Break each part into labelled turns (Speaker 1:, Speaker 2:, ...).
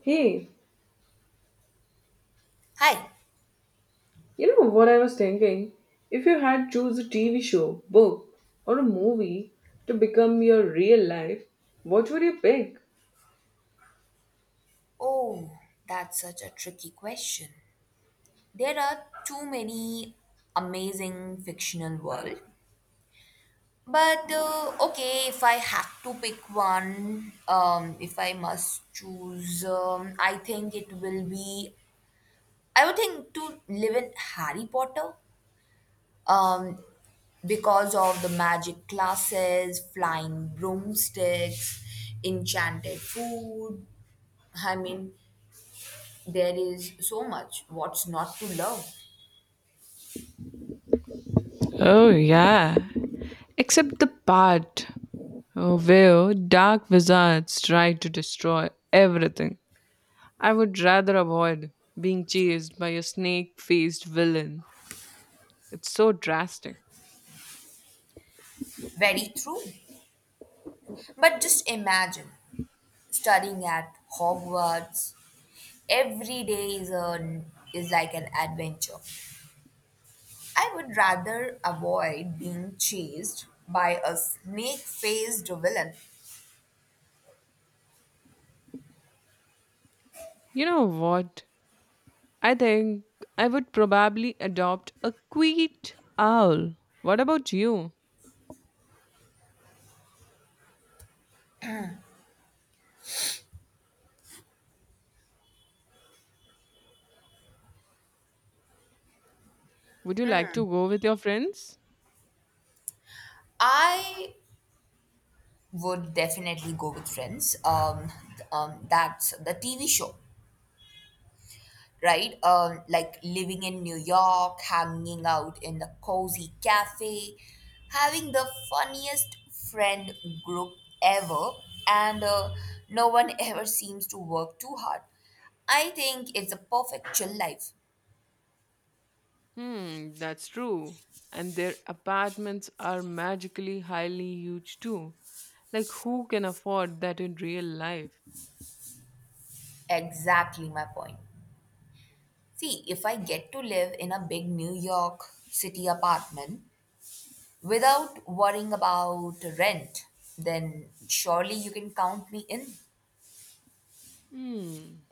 Speaker 1: Hey,
Speaker 2: Hi.
Speaker 1: you know what I was thinking? If you had choose a TV show, book, or a movie to become your real life, what would you pick?
Speaker 2: Oh, that's such a tricky question. There are too many amazing fictional world. If I had to pick one, if I must choose, I think it will be. I would think to live in Harry Potter, um, because of the magic classes, flying broomsticks, enchanted food. I mean, there is so much. What's not to love?
Speaker 1: Oh, yeah. Except the part where dark wizards try to destroy everything. I would rather avoid being chased by a snake faced villain. It's so drastic.
Speaker 2: Very true. But just imagine studying at Hogwarts. Every day is like an adventure. I would rather avoid being chased by a snake faced villain.
Speaker 1: You know what? I think I would probably adopt a quiet owl. What about you? Would you like to go with your friends?
Speaker 2: I would definitely go with friends. That's the TV show, right? Like living in New York, hanging out in the cozy cafe, having the funniest friend group ever, and no one ever seems to work too hard. I think it's a perfect chill life.
Speaker 1: Hmm, that's true. And their apartments are magically highly huge too. Like, who can afford that in real life?
Speaker 2: Exactly my point. See, if I get to live in a big New York City apartment without worrying about rent, then surely you can count me in.
Speaker 1: Hmm.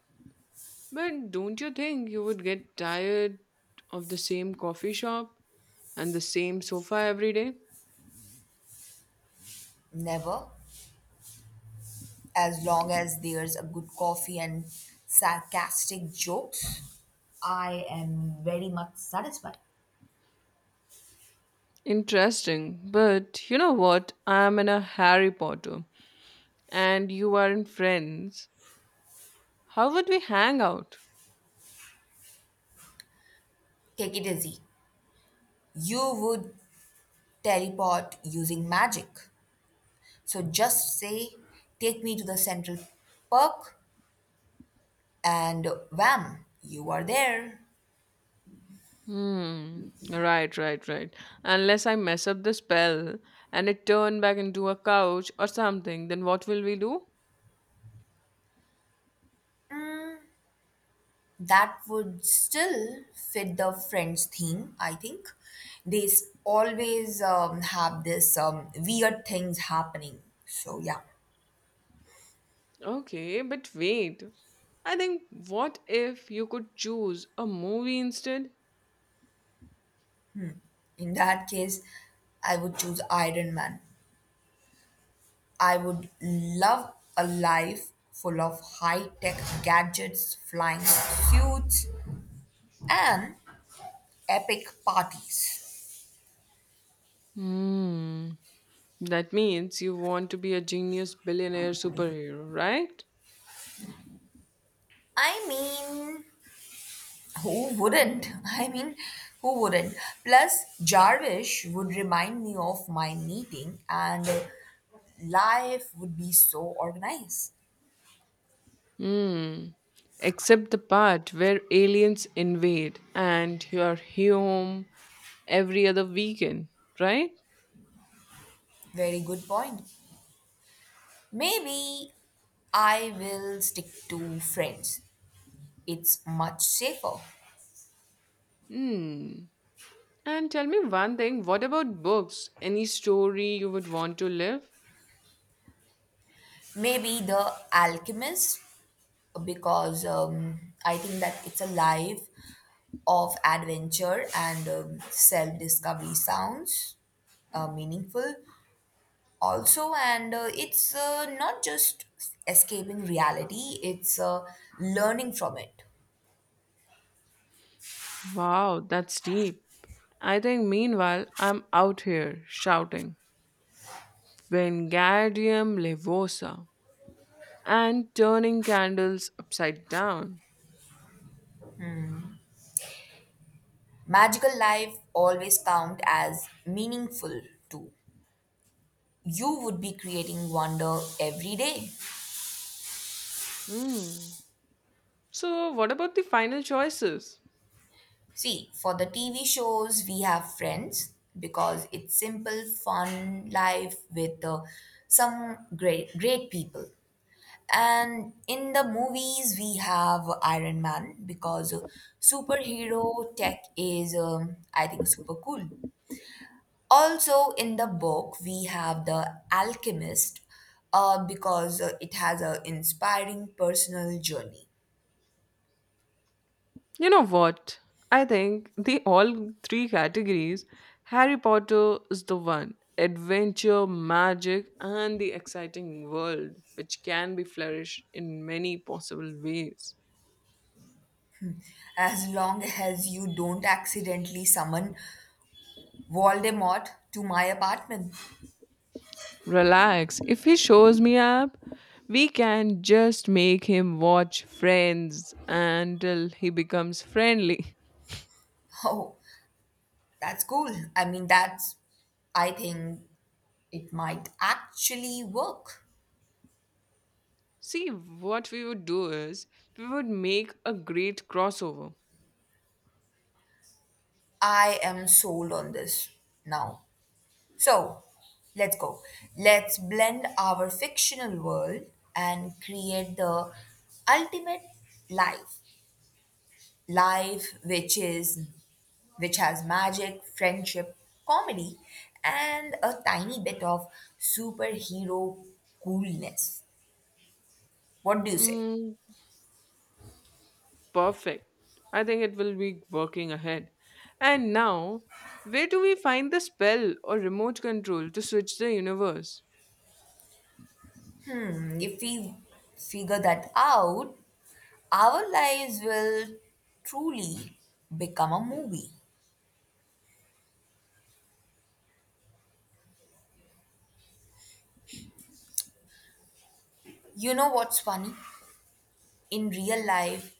Speaker 1: But don't you think you would get tired of the same coffee shop and the same sofa every day?
Speaker 2: Never. As long as there's a good coffee and sarcastic jokes, I am very much satisfied.
Speaker 1: Interesting. But you know what? I'm in a Harry Potter. And you aren't friends, how would we hang out?
Speaker 2: Take it easy. You would teleport using magic. So just say, take me to the central park, and wham, you are there.
Speaker 1: Hmm. Right, right, right. Unless I mess up the spell and it turn back into a couch or something, then what will we do?
Speaker 2: That would still fit the Friends theme, I think. Always have this weird things happening. So, yeah.
Speaker 1: Okay, but wait. I think what if you could choose a movie instead?
Speaker 2: In that case, I would choose Iron Man. I would love a life full of high tech gadgets, flying suits, and epic parties.
Speaker 1: Hmm. That means you want to be a genius billionaire superhero, right?
Speaker 2: I mean, who wouldn't? I mean, who wouldn't? Plus, Jarvis would remind me of my meeting, and life would be so organized.
Speaker 1: Hmm. Except the part where aliens invade and you are home every other weekend, right?
Speaker 2: Very good point. Maybe I will stick to friends, it's much safer.
Speaker 1: Hmm. And tell me one thing, what about books? Any story you would want to live?
Speaker 2: Maybe The Alchemist, because I think that it's a life of adventure and self discovery sounds meaningful also. And it's not just escaping reality, it's learning from it.
Speaker 1: Wow, that's deep. I think meanwhile I'm out here shouting Wingardium Levosa and turning candles upside down.
Speaker 2: Magical life always count as meaningful too. You would be creating wonder every day.
Speaker 1: Hmm. So what about the final choices?
Speaker 2: See, for the TV shows, we have Friends because it's simple, fun life with some great people. And in the movies, we have Iron Man because superhero tech is, I think, super cool. Also, in the book, we have The Alchemist because it has an inspiring personal journey.
Speaker 1: You know what? I think the all three categories Harry Potter is the one adventure, magic, and the exciting world, which can be flourished in many possible ways.
Speaker 2: As long as you don't accidentally summon Voldemort to my apartment.
Speaker 1: Relax, if he shows me up, we can just make him watch Friends until he becomes friendly.
Speaker 2: Oh, that's cool. I mean, that's. I think it might actually work.
Speaker 1: See, what we would do is we would make a great crossover.
Speaker 2: I am sold on this now. So, let's go. Let's blend our fictional world and create the ultimate life. Life which has magic, friendship, comedy and a tiny bit of superhero coolness. What do you say?
Speaker 1: Mm, perfect. I think it will be working ahead. And now, where do we find the spell or remote control to switch the universe?
Speaker 2: Mm, if we figure that out, our lives will truly become a movie. You know what's funny? In real life,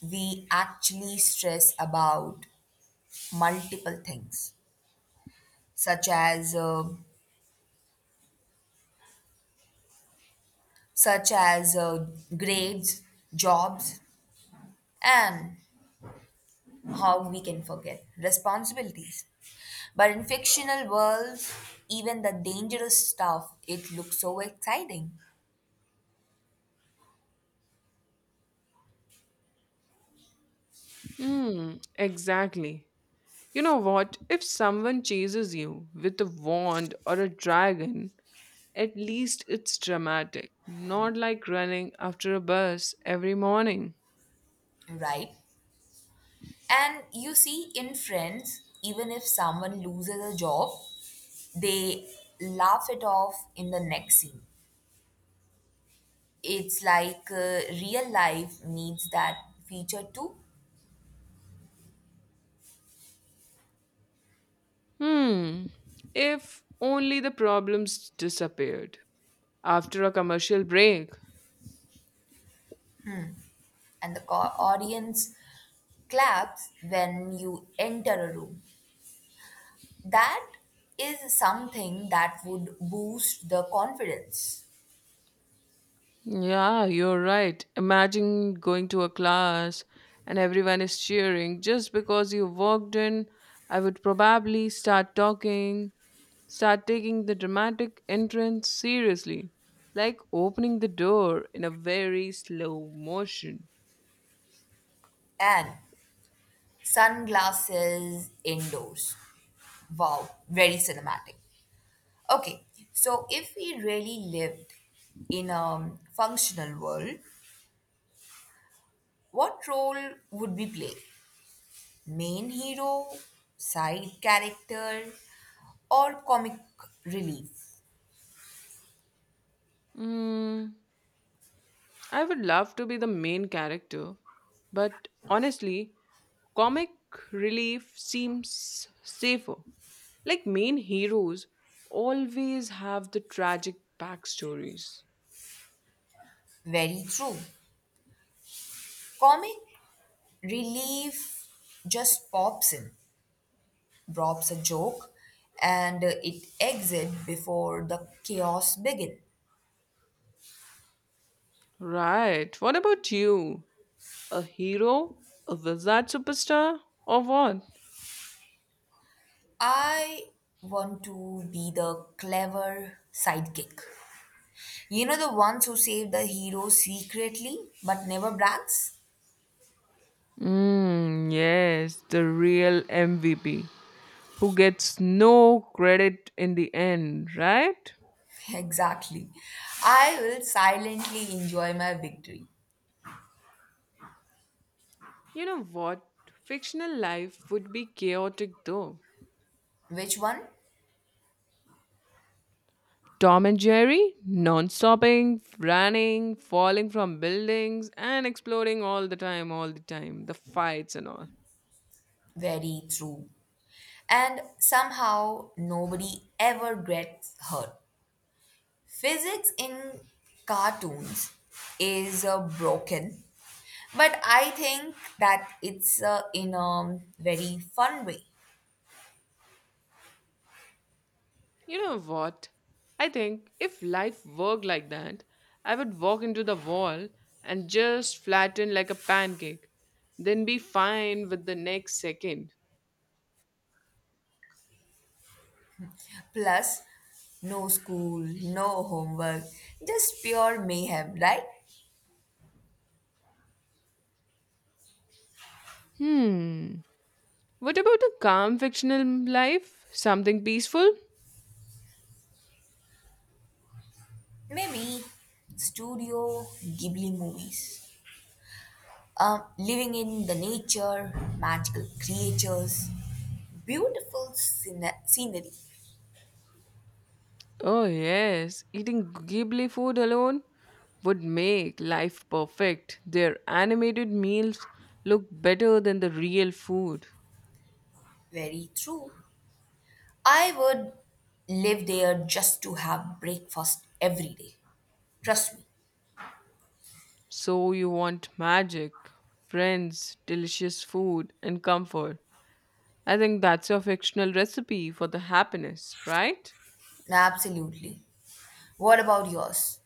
Speaker 2: we actually stress about multiple things, such as uh, such as grades, jobs, and how we can forget responsibilities. But in fictional worlds, even the dangerous stuff, it looks so exciting,
Speaker 1: Hmm, exactly. You know what? If someone chases you with a wand or a dragon, at least it's dramatic, not like running after a bus every morning.
Speaker 2: right? And you see, in friends, even if someone loses a job, they laugh it off in the next scene. It's like real life needs that feature too,
Speaker 1: Hmm, if only the problems disappeared. After a commercial break,
Speaker 2: and the audience claps when you enter a room. That is something that would boost the confidence.
Speaker 1: yeah, you're right. Imagine going to a class and everyone is cheering just because you walked in. I would probably start talking, start taking the dramatic entrance seriously, like opening the door in a very slow motion.
Speaker 2: And sunglasses indoors. Wow, very cinematic. Okay, so if we really lived in a functional world, what role would we play? Main hero, side character, or comic relief?
Speaker 1: Mm. I would love to be the main character, but honestly, comic relief seems safer. Like main heroes always have the tragic backstories.
Speaker 2: Very true. Comic relief just pops in, drops a joke, and it exits before the chaos begins.
Speaker 1: Right, what about you? A hero? A wizard superstar? Or what?
Speaker 2: I want to be the clever sidekick. You know the ones who save the hero secretly but never brags?
Speaker 1: Hmm, yes, the real MVP who gets no credit in the end, right?
Speaker 2: Exactly. I will silently enjoy my victory.
Speaker 1: You know what? Fictional life would be chaotic though.
Speaker 2: Which one?
Speaker 1: Tom and Jerry, non stopping, running, falling from buildings, and exploding all the time, the fights and all.
Speaker 2: Very true. And somehow nobody ever gets hurt. Physics in cartoons is broken, but I think that it's in a very fun way.
Speaker 1: You know what? I think if life worked like that, I would walk into the wall and just flatten like a pancake, then be fine with the next second.
Speaker 2: Plus, no school, no homework, just pure mayhem, right?
Speaker 1: Hmm. What about a calm fictional life? Something peaceful?
Speaker 2: Maybe Studio Ghibli movies. Living in the nature, magical creatures, beautiful scenery.
Speaker 1: Oh, yes, eating Ghibli food alone would make life perfect. Their animated meals look better than the real food.
Speaker 2: Very true. I would live there just to have breakfast every day. Trust me.
Speaker 1: So, you want magic, friends, delicious food, and comfort. I think that's your fictional recipe for the happiness, right?
Speaker 2: Absolutely. What about yours?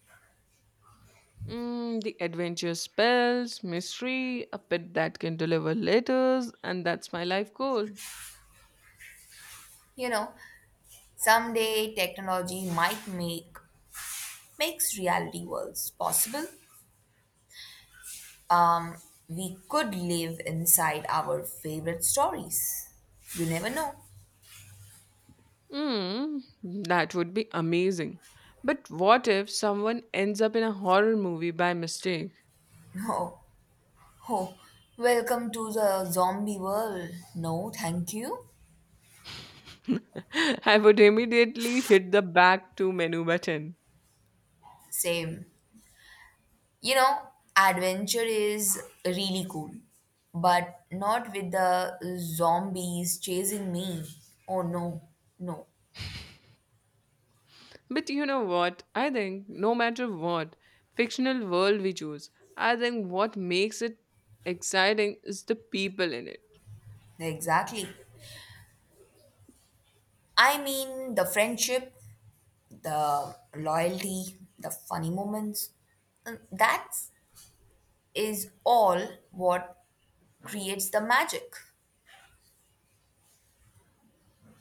Speaker 1: Mm, the adventure spells, mystery, a pet that can deliver letters, and that's my life goal.
Speaker 2: You know, someday technology might make makes reality worlds possible. Um, we could live inside our favorite stories. You never know.
Speaker 1: Mm, that would be amazing. But what if someone ends up in a horror movie by mistake?
Speaker 2: Oh, oh, welcome to the zombie world. No, thank you.
Speaker 1: I would immediately hit the back to menu button.
Speaker 2: Same. You know, adventure is really cool, but not with the zombies chasing me. Oh, no, no,
Speaker 1: But you know what? I think no matter what fictional world we choose, I think what makes it exciting is the people in it.
Speaker 2: exactly. I mean, the friendship, the loyalty, the funny moments. That's is all what creates the magic.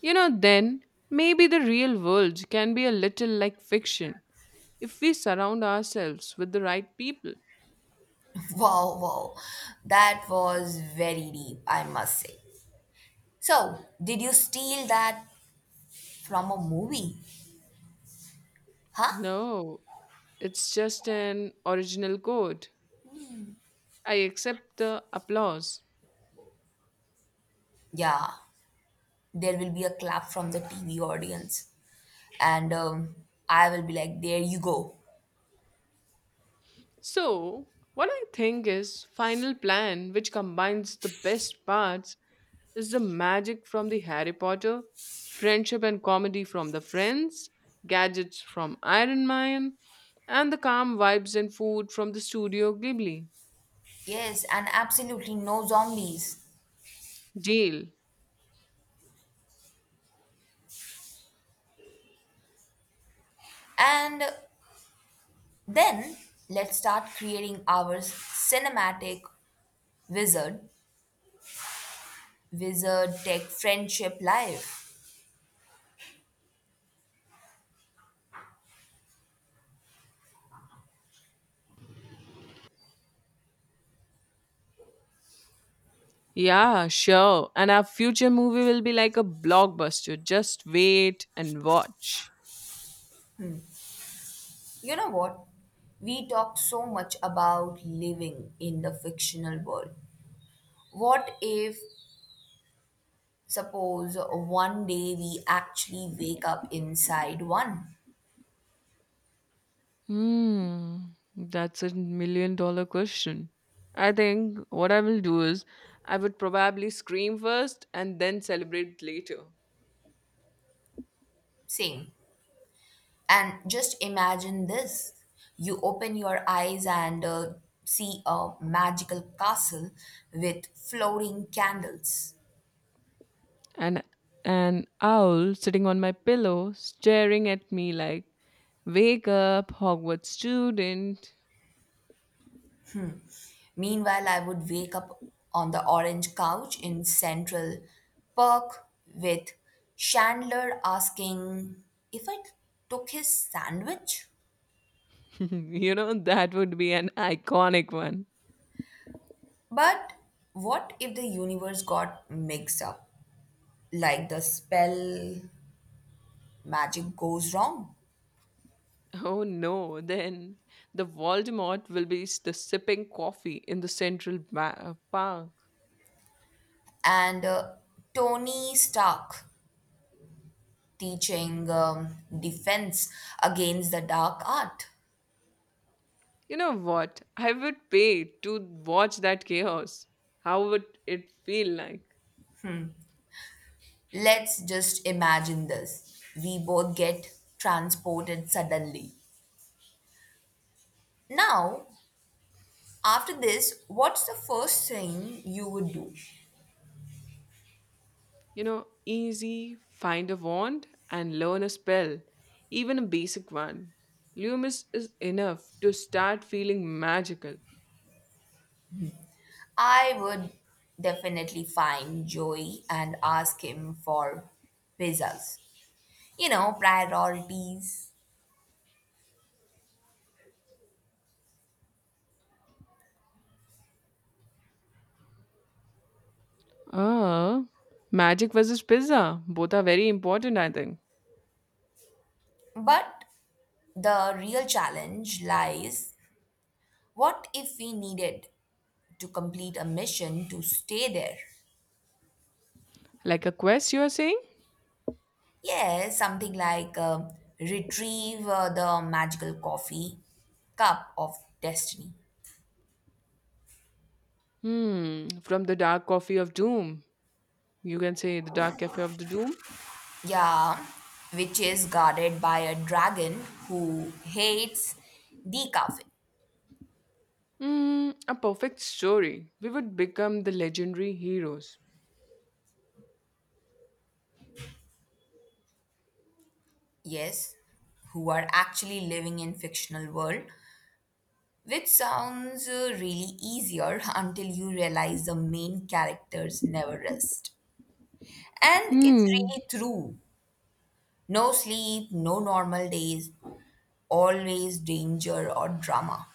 Speaker 1: You know, then maybe the real world can be a little like fiction if we surround ourselves with the right people.
Speaker 2: Wow, wow. That was very deep, I must say. So, did you steal that from a movie? Huh?
Speaker 1: No, it's just an original code. I accept the applause.
Speaker 2: Yeah, there will be a clap from the TV audience. And I will be like, there you go.
Speaker 1: So, what I think is Final Plan, which combines the best parts, is the magic from the Harry Potter, friendship and comedy from the Friends, gadgets from Iron Man, and the calm vibes and food from the Studio Ghibli.
Speaker 2: Yes, and absolutely no zombies.
Speaker 1: Deal.
Speaker 2: And then let's start creating our cinematic wizard, wizard tech friendship life.
Speaker 1: Yeah, sure. And our future movie will be like a blockbuster. Just wait and watch.
Speaker 2: You know what? We talk so much about living in the fictional world. What if, suppose, one day we actually wake up inside one?
Speaker 1: Hmm, that's a million dollar question. I think what I will do is I would probably scream first and then celebrate later.
Speaker 2: Same. And just imagine this, you open your eyes and see a magical castle with floating candles.
Speaker 1: And an owl sitting on my pillow staring at me like, wake up, Hogwarts student.
Speaker 2: Meanwhile, I would wake up on the orange couch in Central Park with Chandler asking if I took his sandwich.
Speaker 1: you know, that would be an iconic one.
Speaker 2: But what if the universe got mixed up? Like the spell magic goes wrong.
Speaker 1: Oh no, then the Voldemort will be the sipping coffee in the central park.
Speaker 2: And Tony Stark teaching defense against the dark art.
Speaker 1: You know what? I would pay to watch that chaos. How would it feel like?
Speaker 2: Let's just imagine this. We both get transported suddenly. Now, after this, what's the first thing you would do?
Speaker 1: You know, easy, find a wand and learn a spell, even a basic one. Loomis is enough to start feeling magical.
Speaker 2: I would definitely find Joey and ask him for pizzas. You know, priorities.
Speaker 1: Ah, magic versus pizza. Both are very important, I think.
Speaker 2: But the real challenge lies, what if we needed to complete a mission to stay there?
Speaker 1: Like a quest, you are saying?
Speaker 2: Yeah, something like retrieve the magical coffee cup of destiny.
Speaker 1: Hmm, from the dark coffee of doom. You can say the dark cafe of the doom.
Speaker 2: Yeah, which is guarded by a dragon who hates the cafe.
Speaker 1: Mm, a perfect story. We would become the legendary heroes.
Speaker 2: Yes, who are actually living in fictional world, which sounds really easier until you realize the main characters never rest. And it's
Speaker 1: Hmm.
Speaker 2: really true. No sleep, no normal days, always danger or drama.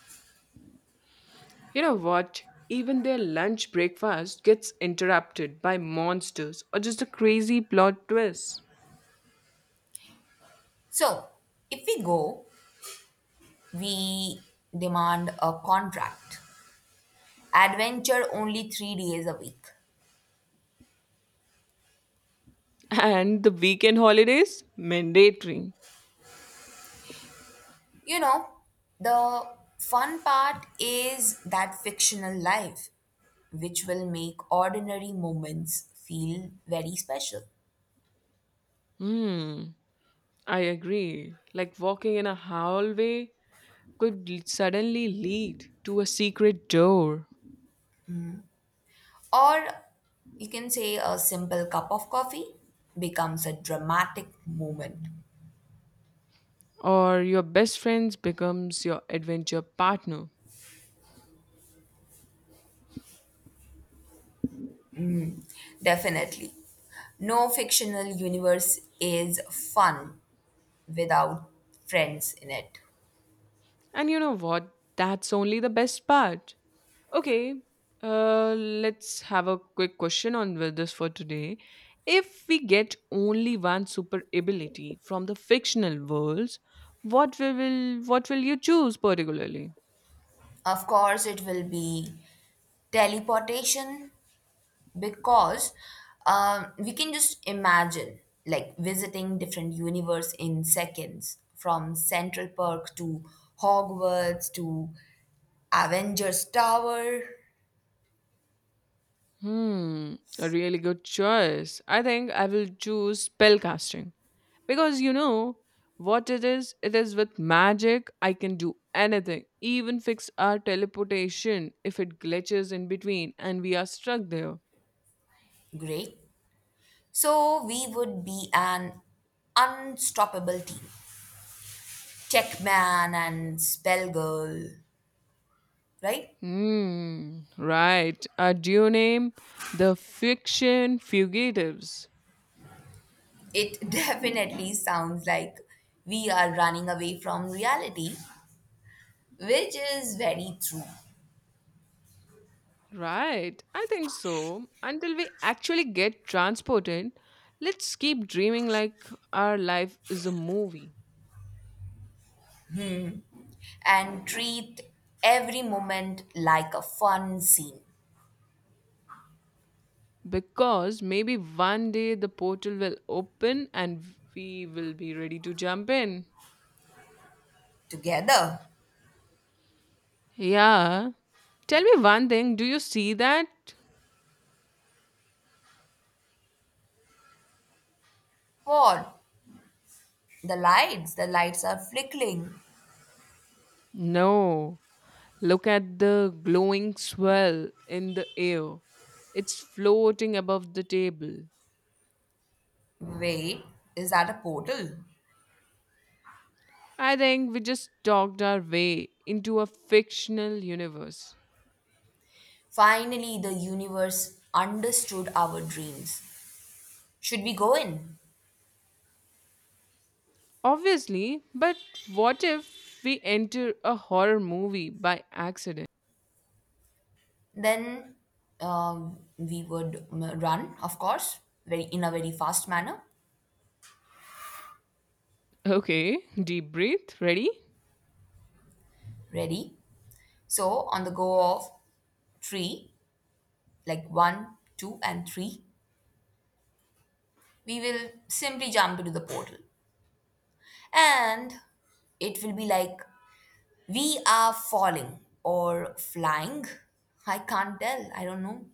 Speaker 1: You know what? Even their lunch breakfast gets interrupted by monsters or just a crazy plot twist.
Speaker 2: So, if we go, we demand a contract. Adventure only 3 days a week.
Speaker 1: And the weekend holidays? Mandatory.
Speaker 2: You know, the fun part is that fictional life, which will make ordinary moments feel very special.
Speaker 1: Hmm, I agree. Like walking in a hallway could suddenly lead to a secret door,
Speaker 2: Or you can say a simple cup of coffee becomes a dramatic moment.
Speaker 1: or your best friend becomes your adventure partner.
Speaker 2: Definitely. No fictional universe is fun without friends in it.
Speaker 1: And you know what? That's only the best part. Okay, let's have a quick question on with this for today. If we get only one super ability from the fictional worlds, what will you choose particularly?
Speaker 2: Of course, it will be teleportation, because we can just imagine like visiting different universe in seconds from Central Park to Hogwarts to Avengers Tower.
Speaker 1: Hmm, a really good choice. I think I will choose spellcasting because you know what it is? It is with magic, I can do anything, even fix our teleportation if it glitches in between and we are stuck there.
Speaker 2: Great. So we would be an unstoppable team. Checkman and Spellgirl, right?
Speaker 1: Hmm, right. A duo name, the fiction fugitives.
Speaker 2: It definitely sounds like we are running away from reality, which is very true,
Speaker 1: Right, I think so. Until we actually get transported, let's keep dreaming like our life is a movie,
Speaker 2: and treat every moment like a fun scene.
Speaker 1: because maybe one day the portal will open and we will be ready to jump in.
Speaker 2: Together.
Speaker 1: Yeah. Tell me one thing. Do you see that?
Speaker 2: What? The lights. The lights are flickering.
Speaker 1: No. Look at the glowing swirl in the air. It's floating above the table.
Speaker 2: Wait, is that a portal?
Speaker 1: I think we just talked our way into a fictional universe.
Speaker 2: Finally, the universe understood our dreams. Should we go in?
Speaker 1: Obviously, but what if we enter a horror movie by accident?
Speaker 2: Then we would run, of course, very in a very fast manner.
Speaker 1: Okay, deep breath. Ready?
Speaker 2: Ready? So on the go of three, like one, two, and three, we will simply jump into the portal. And it will be like we are falling or flying. I can't tell. I don't know.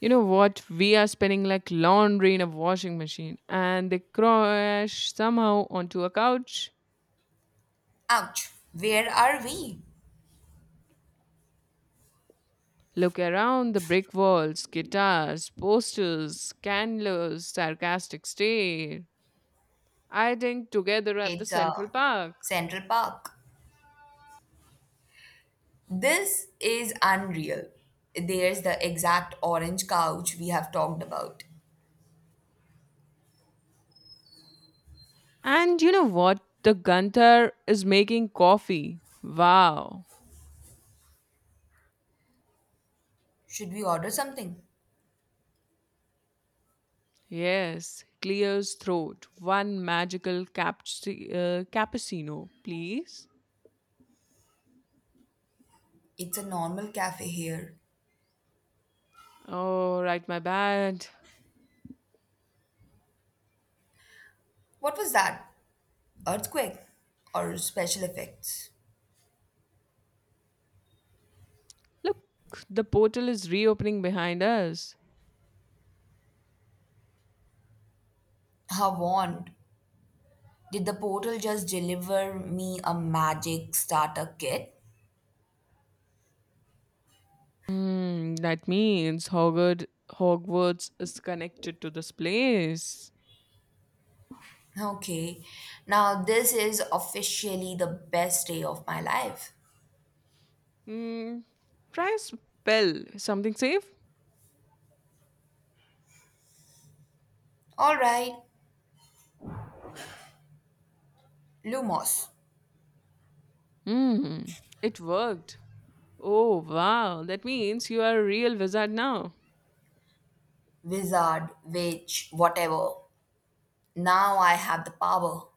Speaker 1: You know what? We are spinning like laundry in a washing machine, and they crash somehow onto a couch.
Speaker 2: Ouch. Where are we?
Speaker 1: Look around the brick walls, guitars, posters, candles, sarcastic stare. I think together at the
Speaker 2: It's a
Speaker 1: Central Park.
Speaker 2: Central Park. This is unreal. There's the exact orange couch we have talked about.
Speaker 1: And you know what? The Gunther is making coffee. Wow.
Speaker 2: Should we order something?
Speaker 1: Yes, clears throat. One magical cappuccino, please.
Speaker 2: It's a normal cafe here.
Speaker 1: Oh, right, my bad.
Speaker 2: What was that? Earthquake or special effects.
Speaker 1: Look, the portal is reopening behind us.
Speaker 2: I warned. Did the portal just deliver me a magic starter kit?
Speaker 1: Hmm, that means Hogwarts is connected to this place.
Speaker 2: Okay, now this is officially the best day of my life.
Speaker 1: Hmm, try a spell. Something safe?
Speaker 2: Alright, Lumos.
Speaker 1: Hmm, it worked. Oh, wow. That means you are a real wizard now.
Speaker 2: Wizard, witch, whatever. Now I have the power.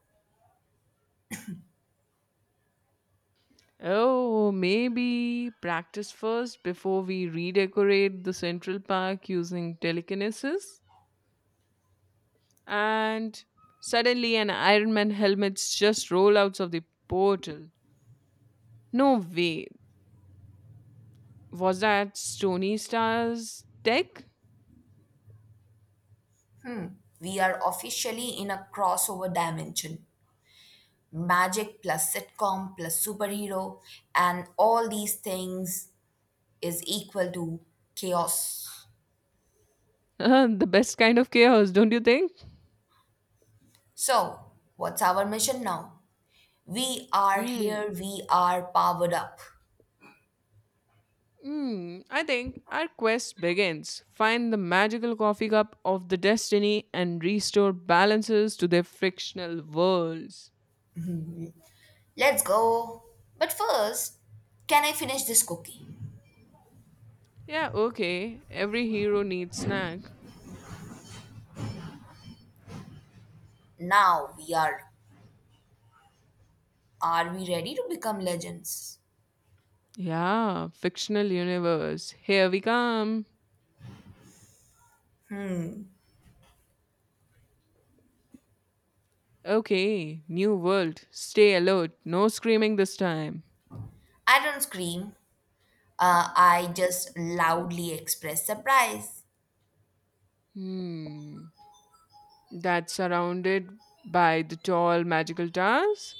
Speaker 1: Oh, maybe practice first before we redecorate the Central Park using telekinesis? And suddenly an Iron Man helmet's just roll out of the portal. No way. Was that Stony Star's tech?
Speaker 2: We are officially in a crossover dimension. Magic plus sitcom plus superhero, and all these things is equal to chaos.
Speaker 1: the best kind of chaos, don't you think?
Speaker 2: So, what's our mission now? We are
Speaker 1: Mm,
Speaker 2: here, we are powered up.
Speaker 1: I think our quest begins. Find the magical coffee cup of the destiny and restore balances to their frictional worlds.
Speaker 2: Let's go. But first, can I finish this cookie?
Speaker 1: Yeah, okay. Every hero needs snack.
Speaker 2: Now we are we ready to become legends?
Speaker 1: Yeah, fictional universe. Here we come. Okay, new world. Stay alert. No screaming this time.
Speaker 2: I don't scream. I just loudly express surprise.
Speaker 1: Hmm. That's surrounded by the tall magical towers.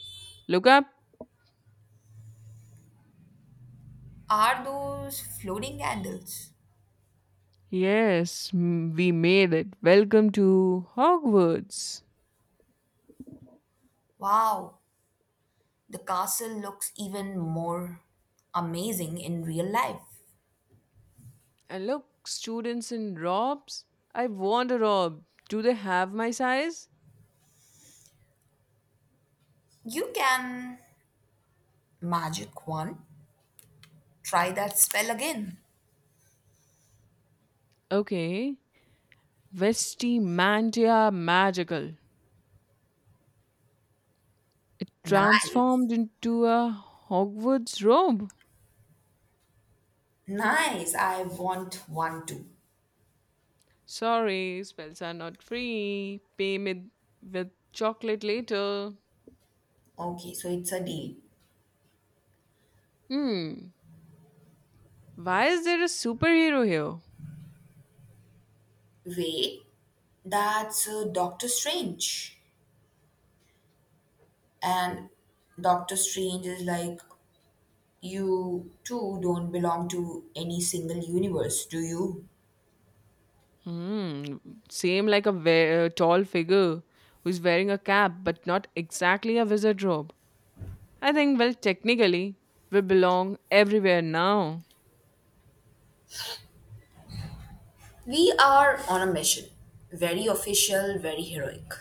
Speaker 1: Look up.
Speaker 2: Are those floating candles?
Speaker 1: Yes, we made it. Welcome to Hogwarts.
Speaker 2: Wow, the castle looks even more amazing in real life.
Speaker 1: And look, students in robes. I want a robe. Do they have my size?
Speaker 2: You can Magic one. Try that spell again.
Speaker 1: Okay. Vestimantia magical. It
Speaker 2: Nice.
Speaker 1: transformed into a Hogwarts robe.
Speaker 2: Nice. I want one too.
Speaker 1: Sorry, spells are not free. Pay me with chocolate later.
Speaker 2: Okay, so it's a deal.
Speaker 1: Hmm. Why is there a superhero here?
Speaker 2: Wait, that's Doctor Strange. And Doctor Strange is like, you two don't belong to any single universe, do you?
Speaker 1: Hmm. Same like a tall figure who's wearing a cap, but not exactly a wizard robe. I think, well, technically, we belong everywhere now.
Speaker 2: We are on a mission. Very official, very heroic.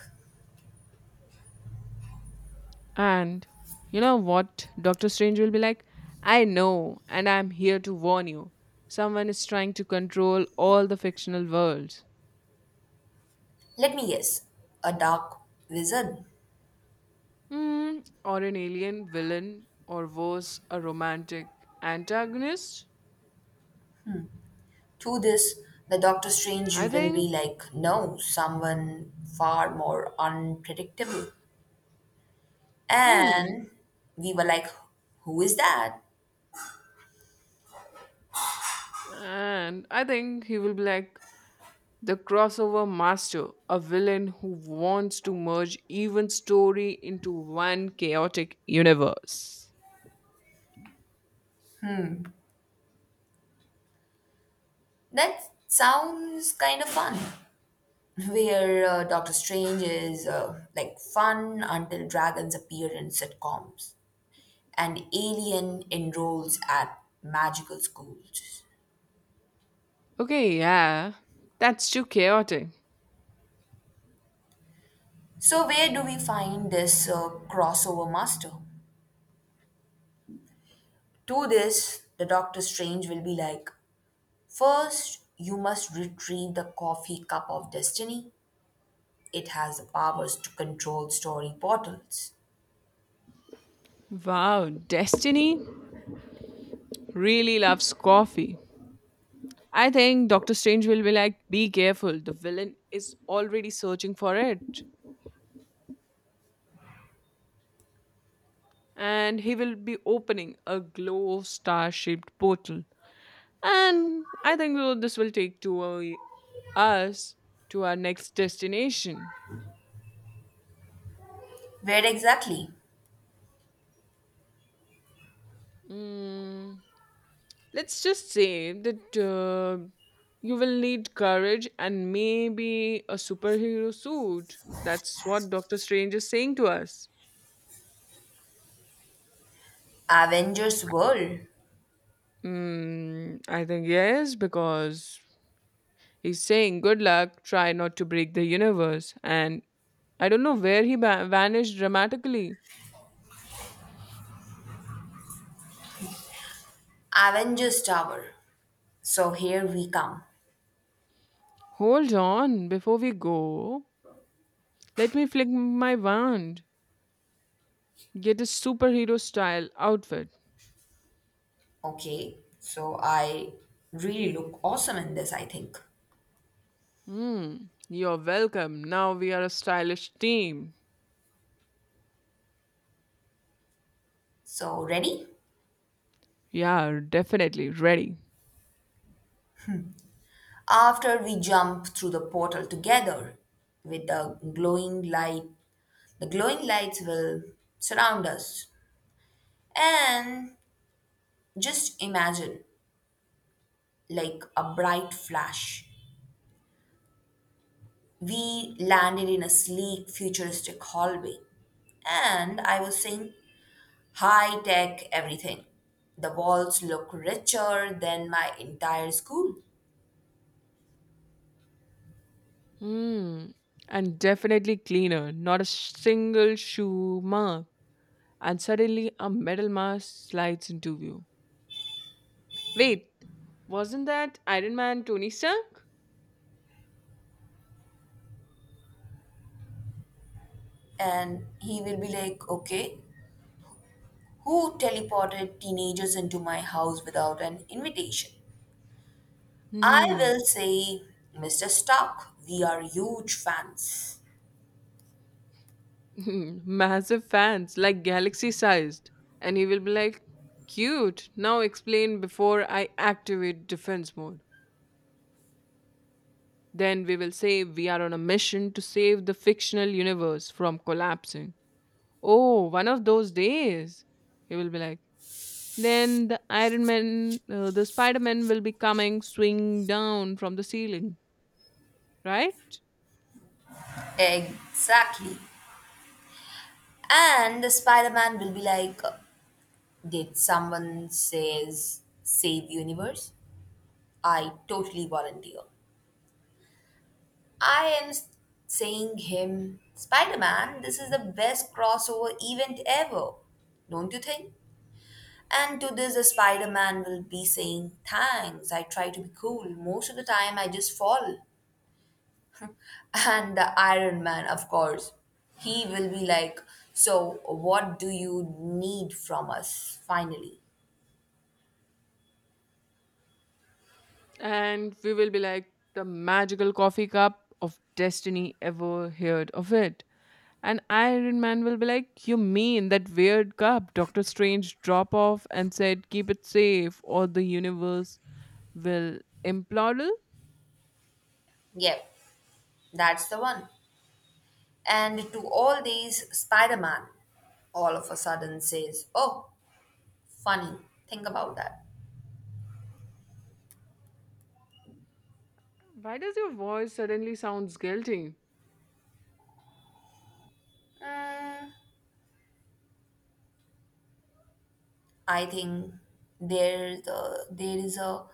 Speaker 1: And you know what? Doctor Strange will be like, I know, and I'm here to warn you. Someone is trying to control all the fictional worlds.
Speaker 2: Let me guess. A dark wizard?
Speaker 1: Mm, or an alien villain, or worse, a romantic antagonist.
Speaker 2: To this, the Doctor Strange
Speaker 1: I
Speaker 2: will
Speaker 1: think,
Speaker 2: be like, no, someone far more unpredictable.
Speaker 1: hmm,
Speaker 2: And we were like, who is that?
Speaker 1: and I think he will be like the crossover master, a villain who wants to merge even story into one chaotic universe.
Speaker 2: That sounds kind of fun. Where Doctor Strange is like fun until dragons appear in sitcoms. An alien enrolls at magical schools.
Speaker 1: Okay, yeah, that's too chaotic.
Speaker 2: So, where do we find this crossover master? To this, the Doctor Strange will be like, first, you must retrieve the coffee cup of destiny. It has the powers to control story portals.
Speaker 1: Wow, Destiny really loves coffee. I think Doctor Strange will be like, be careful, the villain is already searching for it. And he will be opening a glow star shaped portal. And I think though this will take us to our next destination.
Speaker 2: Where exactly?
Speaker 1: Mm, let's just say that you will need courage and maybe a superhero suit. That's what Doctor Strange is saying to us.
Speaker 2: Avengers World.
Speaker 1: Mm, I think yes, because he's saying, good luck, try not to break the universe. And I don't know where he vanished dramatically.
Speaker 2: Avengers Tower. So here we come.
Speaker 1: Hold on, before we go, let me flick my wand. Get a superhero style outfit.
Speaker 2: Okay, so I really look awesome in this, I think.
Speaker 1: Hmm, you're welcome. Now we are a stylish team.
Speaker 2: So, ready?
Speaker 1: Yeah, definitely ready.
Speaker 2: After we jump through the portal together with the glowing light, the glowing lights will surround us. And just imagine like a bright flash. We landed in a sleek, futuristic hallway, and I was saying, high tech everything. The walls look richer than my entire school.
Speaker 1: Hmm, and definitely cleaner. Not a single shoe mark. And suddenly a metal mask slides into view. Wait, wasn't that Iron Man Tony Stark?
Speaker 2: And he will be like, okay, who teleported teenagers into my house without an invitation? I
Speaker 1: Hmm,
Speaker 2: will say, Mr. Stark, we are huge fans.
Speaker 1: massive fans, like galaxy sized. And he will be like, cute. Now explain before I activate defense mode. Then we will say we are on a mission to save the fictional universe from collapsing. Oh, one of those days. He will be like, then the Iron Man, the Spider Man will be coming, swing down from the ceiling, right?
Speaker 2: Exactly. And the Spider Man will be like, did someone says save universe? I totally volunteer. I am s- Saying him, Spider-Man, this is the best crossover event ever. Don't you think? And to this, the Spider-Man will be saying, thanks, I try to be cool. Most of the time, I just fall. And the Iron Man, of course, he will be like, so what do you need from us, finally?
Speaker 1: And we will be like, the magical coffee cup of destiny ever heard of it? And Iron Man will be like, you mean that weird cup Doctor Strange drop off and said, keep it safe, or the universe will implode?
Speaker 2: Yep, that's the one. And to all these, Spider Man all of a sudden says, oh, funny, think about that.
Speaker 1: Why does your voice suddenly sounds guilty?
Speaker 2: I think there is a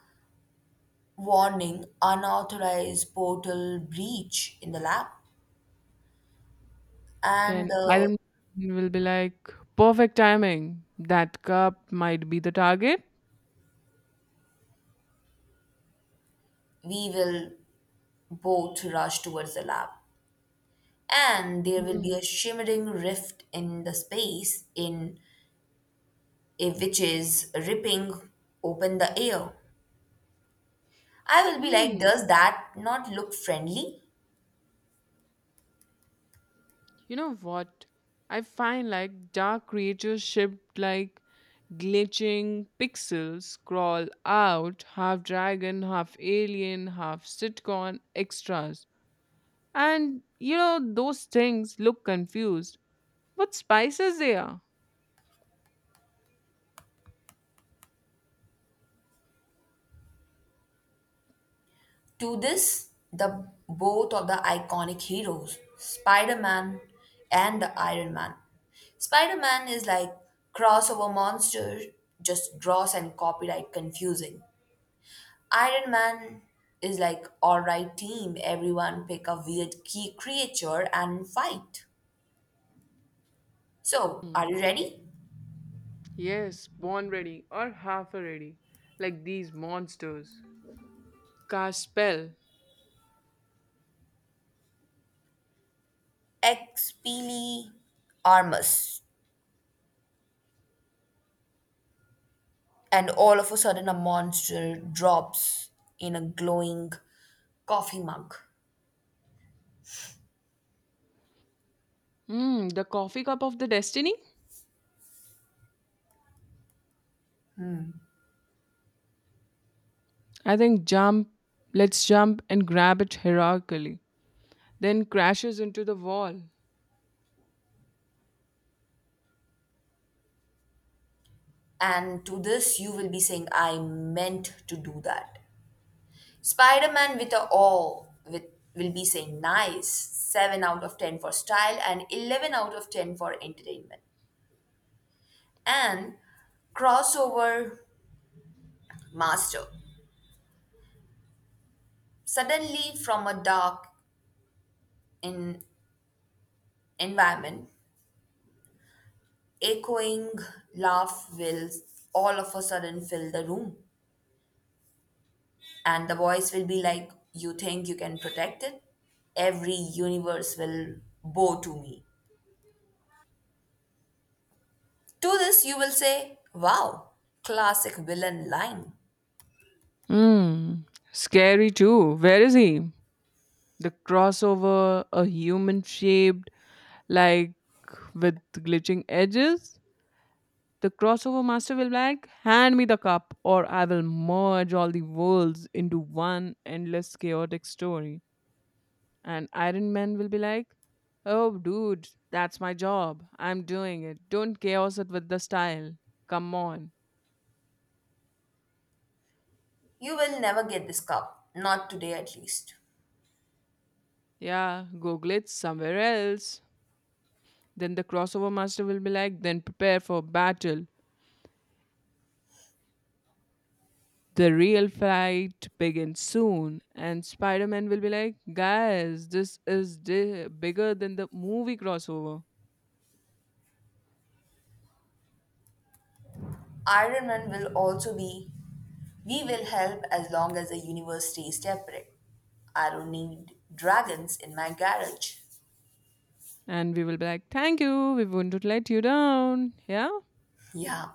Speaker 2: warning unauthorized portal breach in the lab, and
Speaker 1: Then Iron Man will be like, perfect timing. That cup might be the target.
Speaker 2: we will both rush towards the lab. And there will be
Speaker 1: Hmm.
Speaker 2: a shimmering rift in the space which is ripping open the air. I will be like,
Speaker 1: Hmm.
Speaker 2: does that not look friendly?
Speaker 1: You know what? I find like dark creatures shaped like glitching pixels crawl out, half dragon, half alien, half sitcom extras. And you know, those things look confused. What spices they are?
Speaker 2: To this, the both of the iconic heroes, Spider Man and the Iron Man. Spider Man is like crossover monster, just gross and copyright confusing. Iron Man is like alright team, everyone pick a weird key creature and fight. So, are
Speaker 1: Hmm.
Speaker 2: you ready?
Speaker 1: Yes, born ready or half ready, like these monsters. Cast spell.
Speaker 2: Expelli Armus. And all of a sudden, a monster drops in a glowing coffee mug.
Speaker 1: Hmm, the coffee cup of the destiny? I think jump, let's jump and grab it hierarchically. Then crashes into the wall.
Speaker 2: And to this, you will be saying, I meant to do that. Spider Man with a awe with, will be saying, nice, 7 out of 10 for style and 11 out of 10 for entertainment. And crossover master. Suddenly, from a dark in environment, echoing laugh will all of a sudden fill the room. And the voice will be like, you think you can protect it? Every universe will bow to me. To this, you will say, wow, classic villain line.
Speaker 1: Hmm, scary too. Where is he? The crossover, a human shaped, like with glitching edges? The crossover master will be like, hand me the cup, or I will merge all the worlds into one endless chaotic story. And Iron Man will be like, oh, dude, that's my job. I'm doing it. Don't chaos it with the style. Come on.
Speaker 2: You will never get this cup, not today at least.
Speaker 1: Yeah, go glitch somewhere else. Then the crossover master will be like, then prepare for battle. The real fight begins soon. And Spider Man will be like, guys, this is bigger than the movie crossover.
Speaker 2: Iron Man will also be, we will help as long as the universe stays separate. I don't need dragons in my garage.
Speaker 1: And we will be like, thank you, we wouldn't let you down. Yeah.
Speaker 2: Yeah,